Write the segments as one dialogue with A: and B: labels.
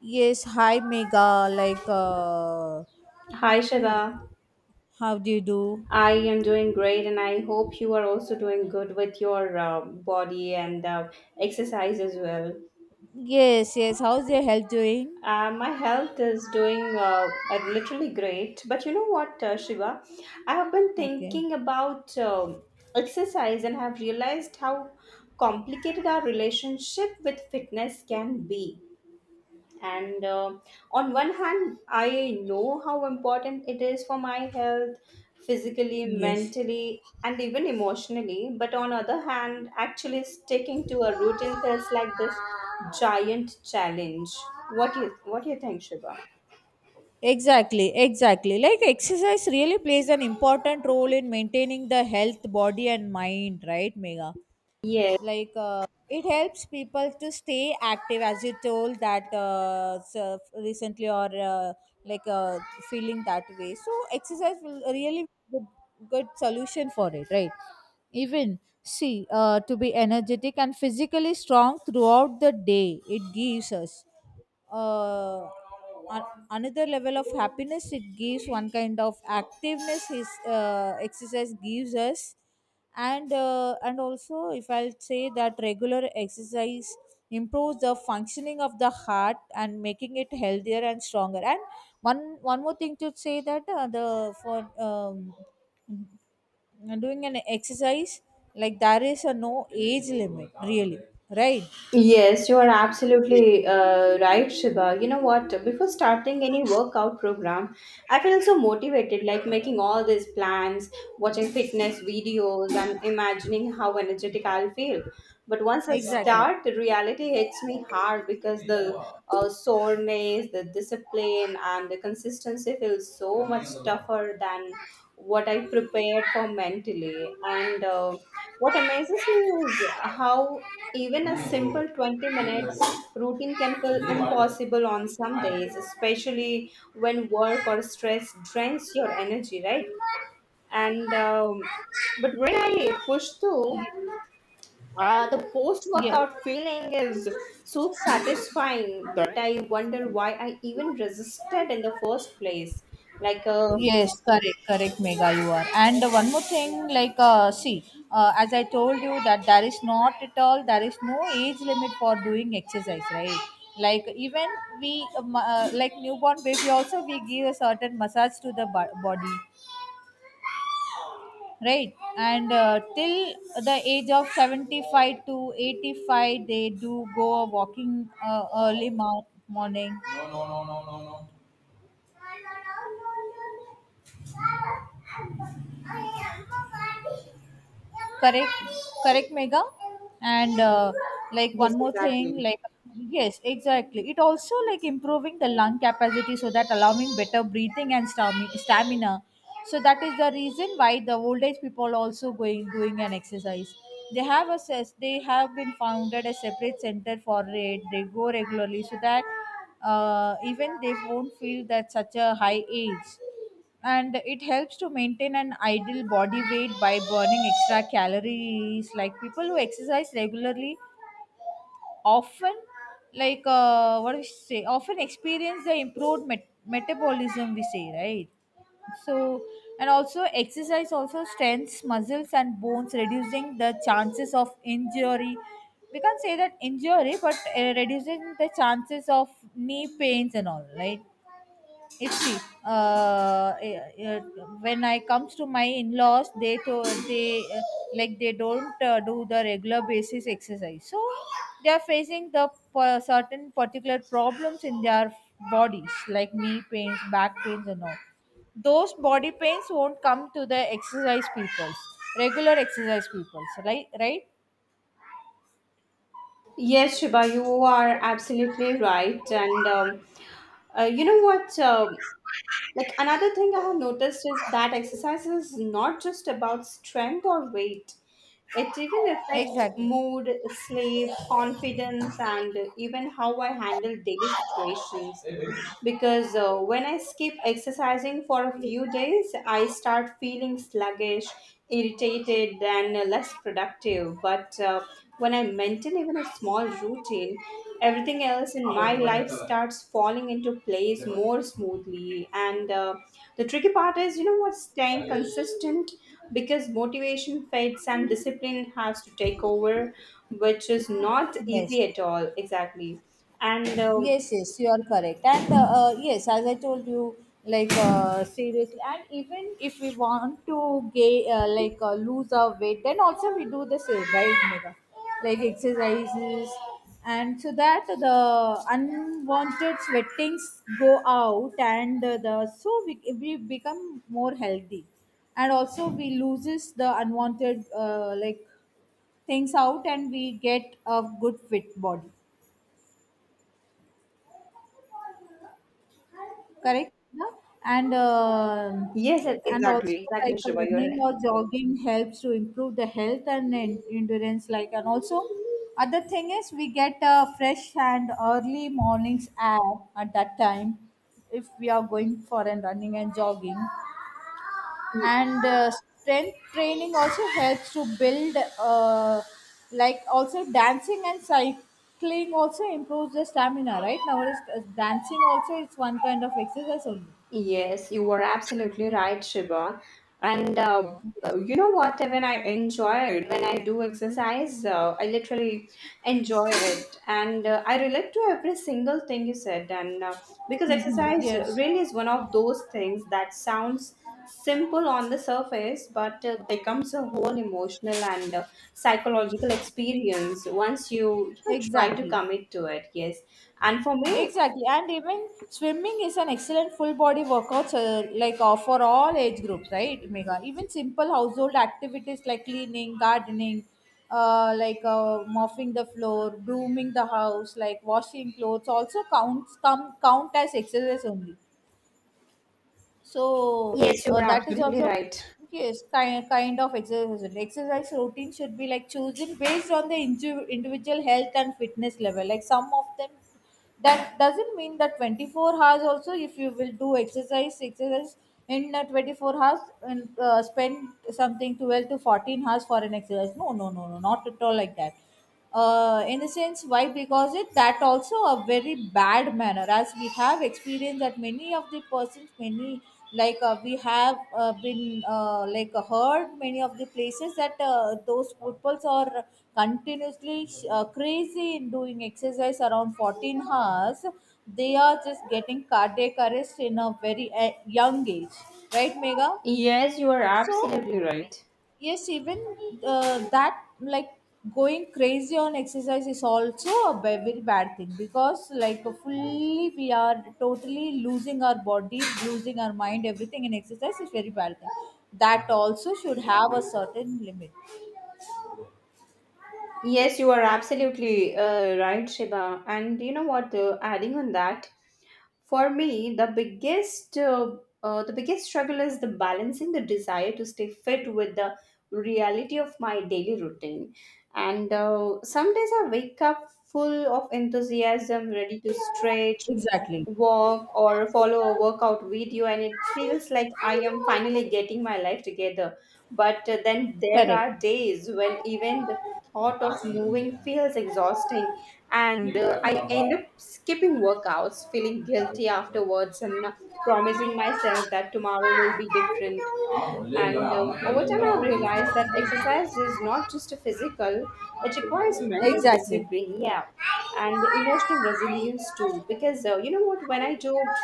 A: Yes, hi Mega. Like,
B: Hi, Shiva,
A: you- how do you do?
B: I am doing great, and I hope you are also doing good with your body and exercise as well.
A: Yes, yes. How's your health doing?
B: My health is doing literally great, but you know what, Shiva? I have been
A: Okay.
B: thinking about exercise and have realized how complicated our relationship with fitness can be. And on one hand I know how important it is for my health physically,
A: Yes.
B: mentally, and even emotionally, but on other hand actually sticking to a routine feels like this giant challenge. What do you think, Shiva?
A: Exactly, exactly. Like, exercise really plays an important role in maintaining the health, body, and mind, right, Mega?
B: Yes.
A: Like, it helps people to stay active, as you told that, so recently, or like, feeling that way. So, exercise will really good solution for it, right? Even see, to be energetic and physically strong throughout the day, it gives us uh, an- another level of happiness. It gives one kind of activeness, is exercise gives us. And also, if I'll say that regular exercise improves the functioning of the heart and making it healthier and stronger. And one more thing to say, that the for um, doing an exercise, like, there is a no age limit really, right?
B: Yes, you are absolutely right, Shiba. You know what? Before starting any workout program, I feel so motivated, like making all these plans, watching fitness videos, and imagining how energetic I'll feel. But once I
A: Exactly.
B: start, the reality hits me hard because the soreness, the discipline, and the consistency feels so much tougher than what I prepared for mentally. And What amazes me is how even a simple 20 minutes routine can feel impossible on some days, especially when work or stress drains your energy, right? And But when I push through, the post
A: Yeah.
B: workout feeling is so satisfying that I wonder why I even resisted in the first place. Like, uh,
A: Yes, correct, correct, Mega, you are. And one more thing, like, see, as I told you, that there is not at all, there is no age limit for doing exercise, right? Like, even we, like newborn baby, also we give a certain massage to the body, right, and till the age of 75 to 85, they do go a walking, early morning. No, no, no, no, no, no. Correct. Correct, Mega. And like
B: yes,
A: one more thing,
B: exactly.
A: like, yes, exactly, it also like improving the lung capacity, so that allowing better breathing and stamina. So that is the reason why the old age people also going doing an exercise. They they have been founded a separate center for it, they go regularly, so that even they won't feel that such a high age. And it helps to maintain an ideal body weight by burning extra calories, like people who exercise regularly often, like, what do we say, often experience the improved metabolism, we say, right? So, and also exercise also strengthens muscles and bones, reducing the chances of injury. We can't say that injury, but reducing the chances of knee pains and all, right? It's see, uh, uh, when I comes to my in-laws, they like they don't do the regular basis exercise, so they are facing the certain particular problems in their bodies, like knee pains, back pains, and all. Those body pains won't come to the exercise people, regular exercise people, right, right?
B: Yes, Shiba, you are absolutely right. And You know what? Like another thing I have noticed is that exercise is not just about strength or weight. It even affects
A: Exactly.
B: mood, sleep, confidence, and even how I handle daily situations because when I skip exercising for a few days, I start feeling sluggish, irritated, and less productive. But When I maintain even a small routine, everything else in my life starts falling into place more smoothly. And The tricky part is, you know what, staying consistent because motivation fades and discipline has to take over, which is not easy
A: Yes.
B: at all, exactly. And
A: Yes, yes, you are correct. And yes, as I told you, like, seriously, and even if we want to gain, like, lose our weight, then also we do the same, right, Mega? Like exercises, and so that the unwanted sweatings go out, and the so, we become more healthy, and also we loses the unwanted, like, things out, and we get a good fit body. Correct, no? and um
B: Yes,
A: and
B: exactly,
A: also like
B: exactly, Shiva. You're
A: running
B: right.
A: or jogging helps to improve the health and endurance. Like, and also, other thing is we get a fresh and early mornings air at that time, if we are going for and running and jogging. And strength training also helps to build, like, also dancing and cycling also improves the stamina, right? Nowadays, dancing also is one kind of exercise only.
B: Yes, you were absolutely right, Shiva. And
A: Yes.
B: You know what? When I enjoy it, when I do exercise, I literally enjoy it, and I relate to every single thing you said. And Because
A: Mhm.
B: exercise
A: Yes.
B: really is one of those things that sounds simple on the surface, but becomes a whole emotional and psychological experience once you know try to
A: Exactly.
B: commit to it. Yes. And for me,
A: Exactly. And even swimming is an excellent full body workout, like, for all age groups, right, Mega? Even simple household activities like cleaning, gardening, like, mopping the floor, brooming the house, like washing clothes, also count as exercise only. So,
B: yes, you are
A: that is
B: absolutely
A: also,
B: right.
A: yes, kind of exercise. Exercise routine should be like chosen based on the individual health and fitness level. Like some of them, that doesn't mean that 24 hours. Also, if you will do exercise in, 24 hours, and spend something 12 to 14 hours for an exercise. No, no, no, no, not at all like that, in a sense, why, because it that also a very bad manner, as we have experienced that many of the persons, many, like, we have been like, heard many of the places that those footballs are continuously crazy in doing exercise around 14 hours. They are just getting cardiac arrest in a very young age, right, Mega?
B: Yes, you are
A: So,
B: absolutely right.
A: yes, even that, like, going crazy on exercise is also a very bad thing, because like fully we are totally losing our body, losing our mind, everything in exercise is very bad thing. That also should have a certain limit.
B: Yes, you are absolutely right, Shiba. And you know what? Adding on that, for me, the biggest struggle is the balancing the desire to stay fit with the reality of my daily routine. And Some days I wake up full of enthusiasm, ready to stretch,
A: Exactly.
B: walk, or follow a workout video, and it feels like I am finally getting my life together. But Then there
A: Correct.
B: are days when even the thought of moving feels exhausting, and I end up skipping workouts, feeling guilty afterwards, and promising myself that tomorrow will be different. And Over time, I've realized that exercise is not just a physical; it requires mental
A: Exactly.
B: discipline, yeah, and emotional resilience too. Because you know what, when I do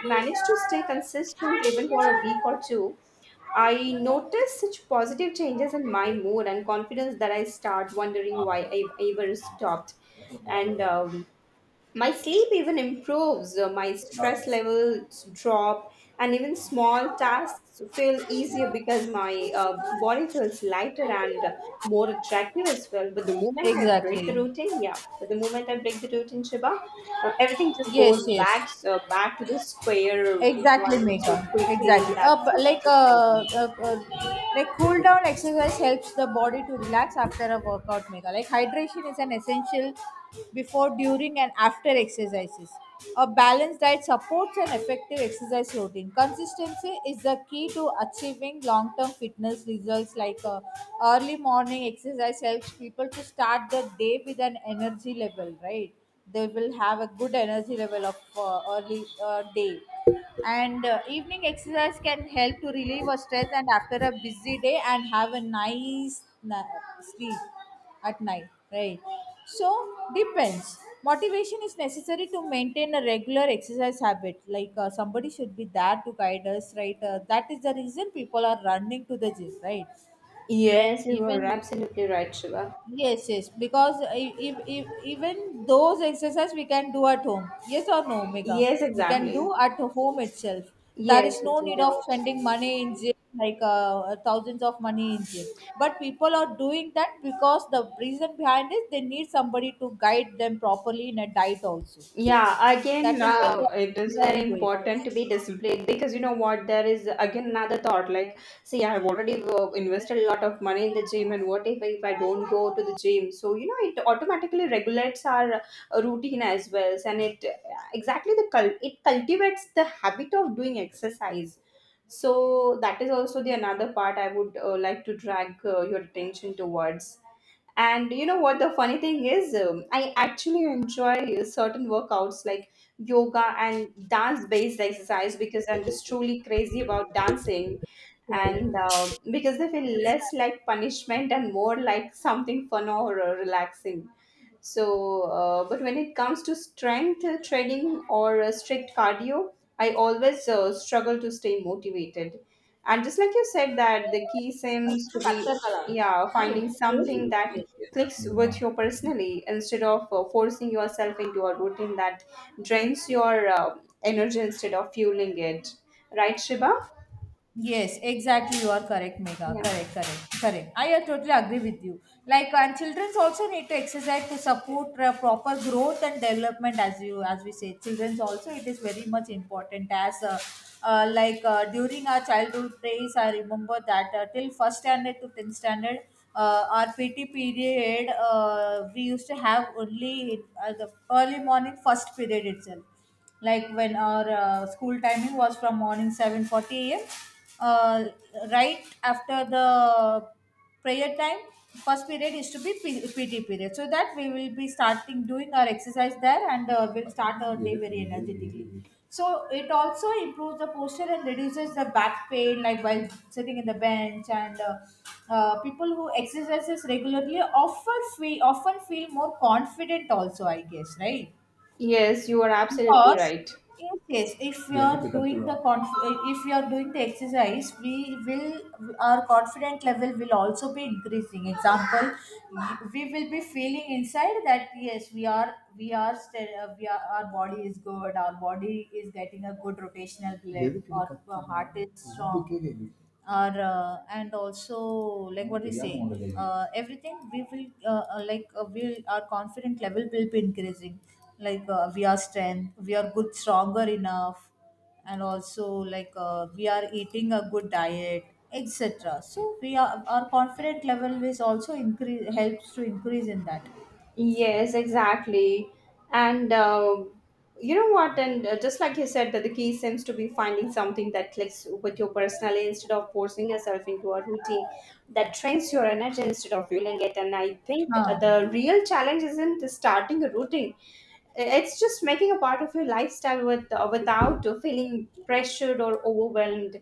B: manage to stay consistent even for a week or two, I noticed such positive changes in my mood and confidence that I start wondering why I ever stopped. And My sleep even improves, my stress levels drop, and even small tasks feel easier because my body feels lighter and more attractive as well. But the moment I break the
A: Exactly.
B: routine, yeah, but the moment I break the routine, Shiba, everything just
A: Yes,
B: goes
A: yes.
B: back to the square
A: Exactly,
B: one
A: Megha.
B: so quickly.
A: Exactly. Uh,
B: That's
A: b-
B: just
A: like uh,
B: frustrating.
A: uh, uh, like cool down exercise helps the body to relax after a workout, Megha. Like, hydration is an essential before, during, and after exercises. A balanced diet supports an effective exercise routine. Consistency is the key to achieving long-term fitness results. Like, early morning exercise helps people to start the day with an energy level, right? They will have a good energy level of, early, day. And evening exercise can help to relieve our stress and after a busy day, and have a nice sleep at night, right? So, depends. Motivation is necessary to maintain a regular exercise habit, like, somebody should be there to guide us, right? That is the reason people are running to the gym, right?
B: Yes, you are
A: Even,
B: absolutely right, Shiva.
A: yes, yes, because if even those exercise we can do at home. Yes or no, Mega?
B: Yes,
A: We can do
B: exactly.
A: at home itself. There is
B: Yes, we
A: no
B: can
A: need
B: do
A: of
B: it.
A: spending money in gym, like, thousands of money in gym. But people are doing that, because the reason behind is they need somebody to guide them properly in a diet also.
B: Yeah, again,
A: That is why they are
B: it
A: going
B: is
A: there
B: very
A: and doing
B: important to
A: it.
B: be disciplined because you know what, there is again another thought like, see, I have already invested a lot of money in the gym, and what if I don't go to the gym? So, you know, it automatically regulates our routine as well, and it cultivates the habit of doing exercise. So, that is also the another part I would like to drag your attention towards. And you know what the funny thing is? I actually enjoy certain workouts like yoga and dance based exercise because I'm just truly crazy about dancing and
A: Okay.
B: because they feel
A: Yes.
B: less like punishment and more like something fun or relaxing. So, but when it comes to strength training or strict cardio, I always struggle to stay motivated. And just like you said, that the key seems to be, yeah,
A: Ah,
B: finding something that clicks with you personally instead of forcing yourself into a routine that drains your energy instead of fueling it. Right, Shiba?
A: yes, exactly. You are correct, Mega.
B: Yeah.
A: Correct, correct, correct. I, totally agree with you. Like, and children also need to exercise to support, proper growth and development. As you, as we say, children also, it is very much important. As like, during our childhood days, I remember that, till first standard to 10th standard, our PT period, we used to have only the early morning first period itself, like when our school timing was from morning 7:40 a.m. Uh, right after the prayer time, first period is to be PT period. So that we will be starting doing our exercise there, and we'll start our day very energetically. So it also improves the posture and reduces the back pain, like while sitting in the bench. And people who exercises regularly often feel more confident. Also, I guess, right?
B: Yes, you are absolutely
A: Because
B: right.
A: in case, if we yeah, are, pick up doing your the your- conf- if we are doing the exercise, we will, our confident level will also be increasing, example, we will be feeling inside that yes, we are, our body is good, our body is getting a good rotational blood David, our, up heart is strong, or and also like what we say, everything we will, like, we will, our confident level will be increasing, like, we are strength, we are good stronger enough, and also like, we are eating a good diet, etc. So, we are, our confident level is also increase helps to increase in that.
B: Yes, exactly. And You know what? And Just like you said, that the key seems to be finding something that clicks with your personality instead of forcing yourself into a routine that drains your energy instead of fueling it. And I think
A: Huh.
B: the real challenge isn't starting a routine; it's just making a part of your lifestyle with without feeling pressured or overwhelmed.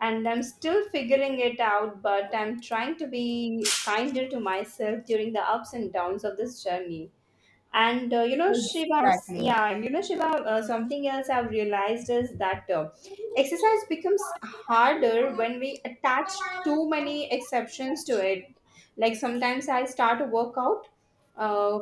B: And I'm still figuring it out, but I'm trying to be kinder to myself during the ups and downs of this journey and you know, Shiva,
A: Exactly.
B: yeah, and you know, Shiva, something else I've realized is that exercise becomes harder when we attach too many exceptions to it. Like sometimes I start a workout, uh,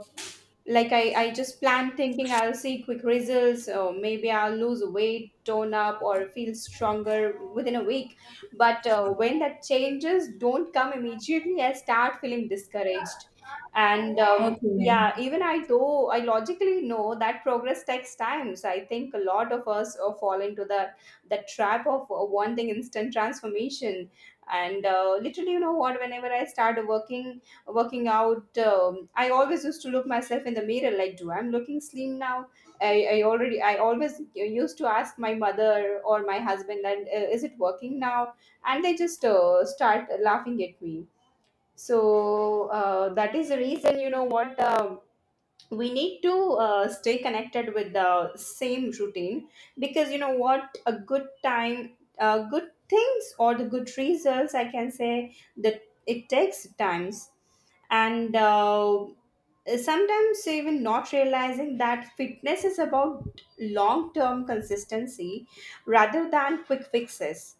B: like I just plan thinking I'll see quick results or maybe I'll lose weight, tone up, or feel stronger within a week. But when that changes don't come immediately, I start feeling discouraged. And
A: Okay.
B: Yeah, even I though I logically know that progress takes time. So I think a lot of us fall into the trap of wanting instant transformation. And literally, you know what? Whenever I started working out, I always used to look myself in the mirror like, do I'm looking slim now? I always used to ask my mother or my husband and is it working now? And they just start laughing at me. So that is the reason, you know what, we need to stay connected with the same routine because you know what, a good time good things or the good results, I can say that, it takes times. And sometimes even not realizing that fitness is about long term consistency rather than quick fixes.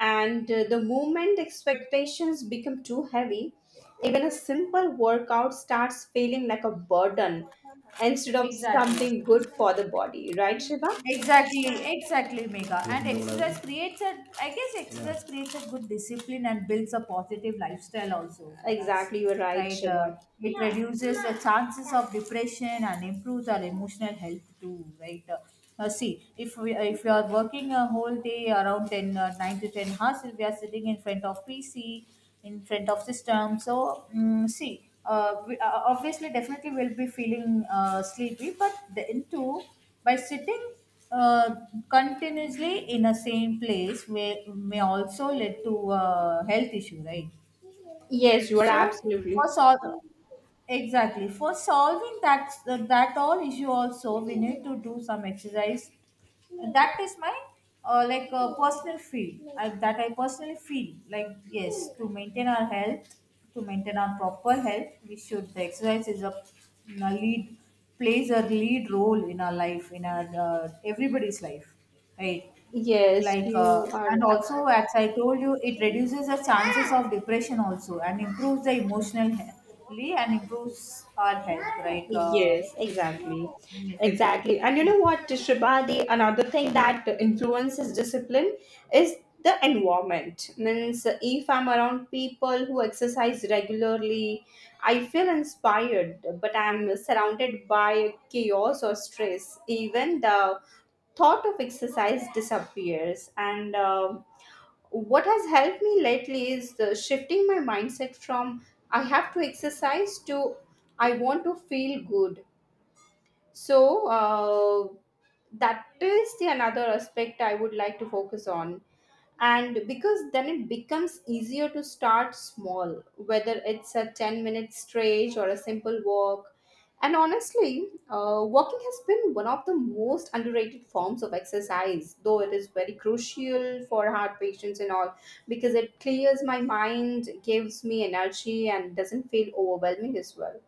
B: And the moment expectations become too heavy, even a simple workout starts feeling like a burden instead of
A: Exactly.
B: something good for the body, right, Shiva?
A: Exactly, exactly, Mega. You and if you know what I exercise mean? Creates a, I guess. Yeah. Exercise creates a good discipline and builds a positive lifestyle also for us,
B: Exactly, you are right,
A: right?
B: Shiva.
A: It reduces the chances of depression and improves our emotional health too, right? See, if you are working a whole day around 10, 9 to 10 hours, if we are sitting in front of PC, in front of system. So, see, we, obviously definitely will be feeling sleepy, but then too, by sitting uh, continuously in a same place, may also lead to health issue, right?
B: Yes, you are
A: So,
B: absolutely.
A: for solving exactly, for solving that all issue, also we need to do some exercise. That is my, like, personal feel, that I personally feel, like yes, to maintain our health, to maintain our proper health, we should, the exercise is a lead plays a lead role in our life, in our everybody's life, right?
B: Yes,
A: Like,
B: you are
A: and also,
B: absolutely.
A: as I told you, it reduces the chances of depression also and improves the emotional health and improves our health, like,
B: Yes, exactly.
A: yes.
B: Exactly. And you know what, Shriba, the another thing that influences discipline is the environment. Means if I'm around people who exercise regularly, I feel inspired, but I'm surrounded by chaos or stress. Even the thought of exercise disappears. And What has helped me lately is the shifting my mindset from "I have to exercise" to "I want to feel good," so that is the another aspect I would like to focus on. And because then it becomes easier to start small, whether it's a 10-minute stretch or a simple walk. And honestly, walking has been one of the most underrated forms of exercise, though it is very crucial for heart patients and all because it clears my mind, gives me energy, and doesn't feel overwhelming as well.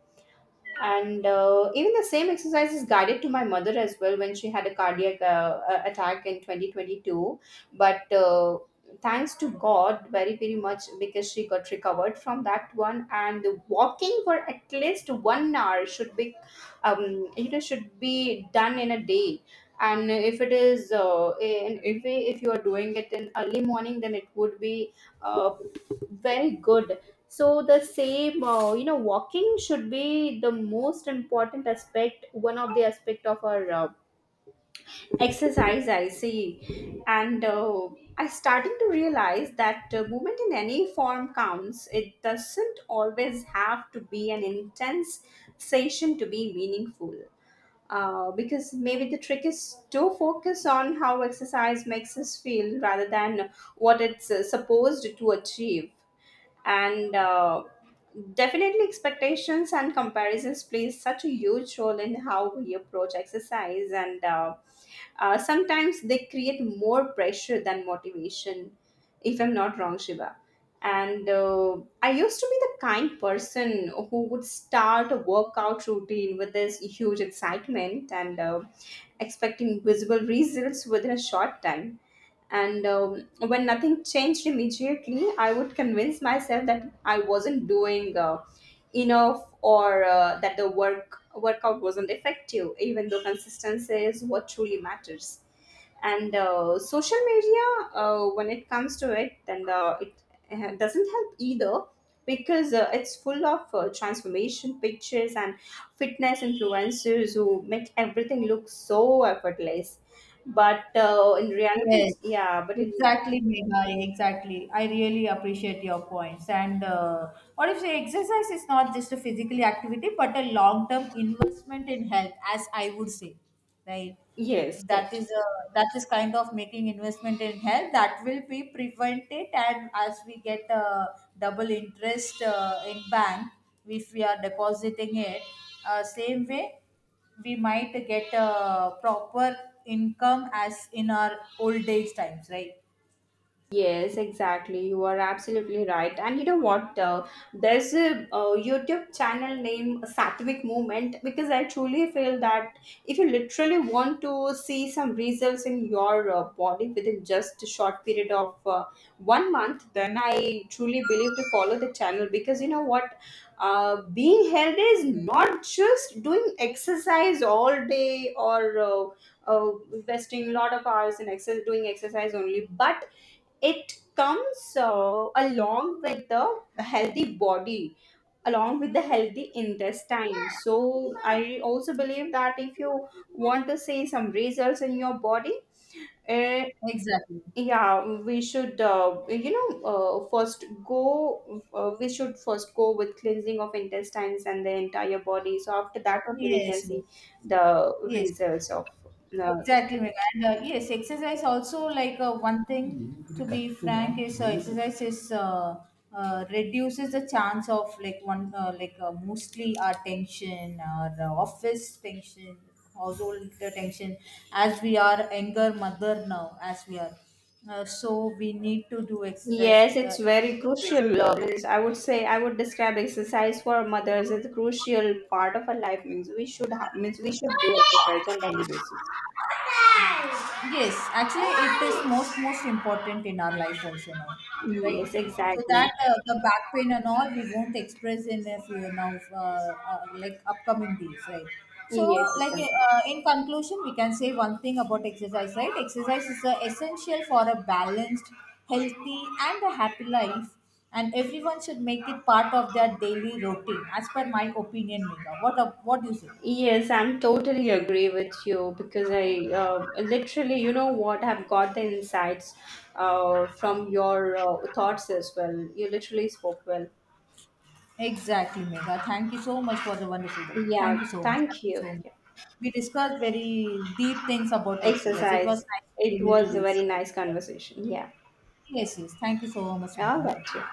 B: And even the same exercise is guided to my mother as well when she had a cardiac attack in 2022. But thanks to God very very much because she got recovered from that one, and the walking for at least 1 hour should be, you know, should be done in a day. And if it is in, if you are doing it in early morning, then it would be uh, very good. So the same, you know, walking should be the most important aspect, one of the aspect of our exercise, I see. And I starting to realize that movement in any form counts. It doesn't always have to be an intense session to be meaningful, because maybe the trick is to focus on how exercise makes us feel rather than what it's supposed to achieve. And definitely expectations and comparisons plays such a huge role in how we approach exercise, and sometimes they create more pressure than motivation, if I'm not wrong, Shiva. And I used to be the kind person who would start a workout routine with this huge excitement and expecting visible results within a short time. And when nothing changed immediately, I would convince myself that I wasn't doing enough or that the workout wasn't effective, even though consistency is what truly matters. And social media, when it comes to it, then it doesn't help either, because it's full of transformation pictures and fitness influencers who make everything look so effortless. But in reality,
A: Yes,
B: it's, yeah, but in
A: exactly, Megha. Exactly. I really appreciate your points. And what if say exercise is not just a physical activity, but a long-term investment in health, as I would say, right?
B: yes,
A: That is
B: correct.
A: a, that is kind of making investment in health, that will be prevent it, and as we get a double interest in bank, if we are depositing it, same way, we might get a proper income as in our old age times, right?
B: Yes, exactly. You are absolutely right. And you know what? There's a YouTube channel named Sattvic Movement because I truly feel that if you literally want to see some results in your body within just a short period of 1 month, then I truly believe to follow the channel. Because you know what? Being healthy is not just doing exercise all day or investing a lot of hours in exercise, doing exercise only, but it comes along with the healthy body, along with the healthy intestine. So I also believe that if you want to see some results in your body, uh,
A: Exactly.
B: yeah, we should you know first go we should first go with cleansing of intestines and the entire body. So after that only we can
A: Yes,
B: see
A: yes.
B: the
A: Yes.
B: results of uh,
A: Exactly, ma'am. And yes, exercise also like, one thing, to be frank, is, exercise is, reduces the chance of like one, like, mostly our tension, our office tension, household tension. As we are younger mother now, as we are, so we need to do exercise.
B: yes, it's very crucial. Means I would say I would describe exercise for mothers as a crucial part of our life. Means we should have, means we should do exercise on daily basis.
A: Yes, actually, it is most important in our life also now,
B: Yes,
A: right? So
B: exactly.
A: that, the back pain and all we won't express in a few now, like upcoming days, right? So,
B: Yes,
A: like,
B: exactly.
A: in conclusion, we can say one thing about exercise, right? Exercise is, essential for a balanced, healthy, and a happy life, and everyone should make it part of their daily routine, as per my opinion, Mika. What do you say?
B: Yes, I'm totally agree with you because I literally, you know what, I've got the insights from your thoughts as well. You literally spoke well.
A: Exactly, Megha. Thank you so much for the wonderful topic.
B: Yeah,
A: Thank you so much.
B: thank
A: Thank you
B: you.
A: so much.
B: Yeah.
A: We discussed very deep things about exercise. It was
B: Exercise.
A: nice to
B: It
A: relate to
B: was a
A: this.
B: very nice conversation. Yeah.
A: Yes, yes. Thank you so much,
B: All
A: Megha.
B: right. Yeah.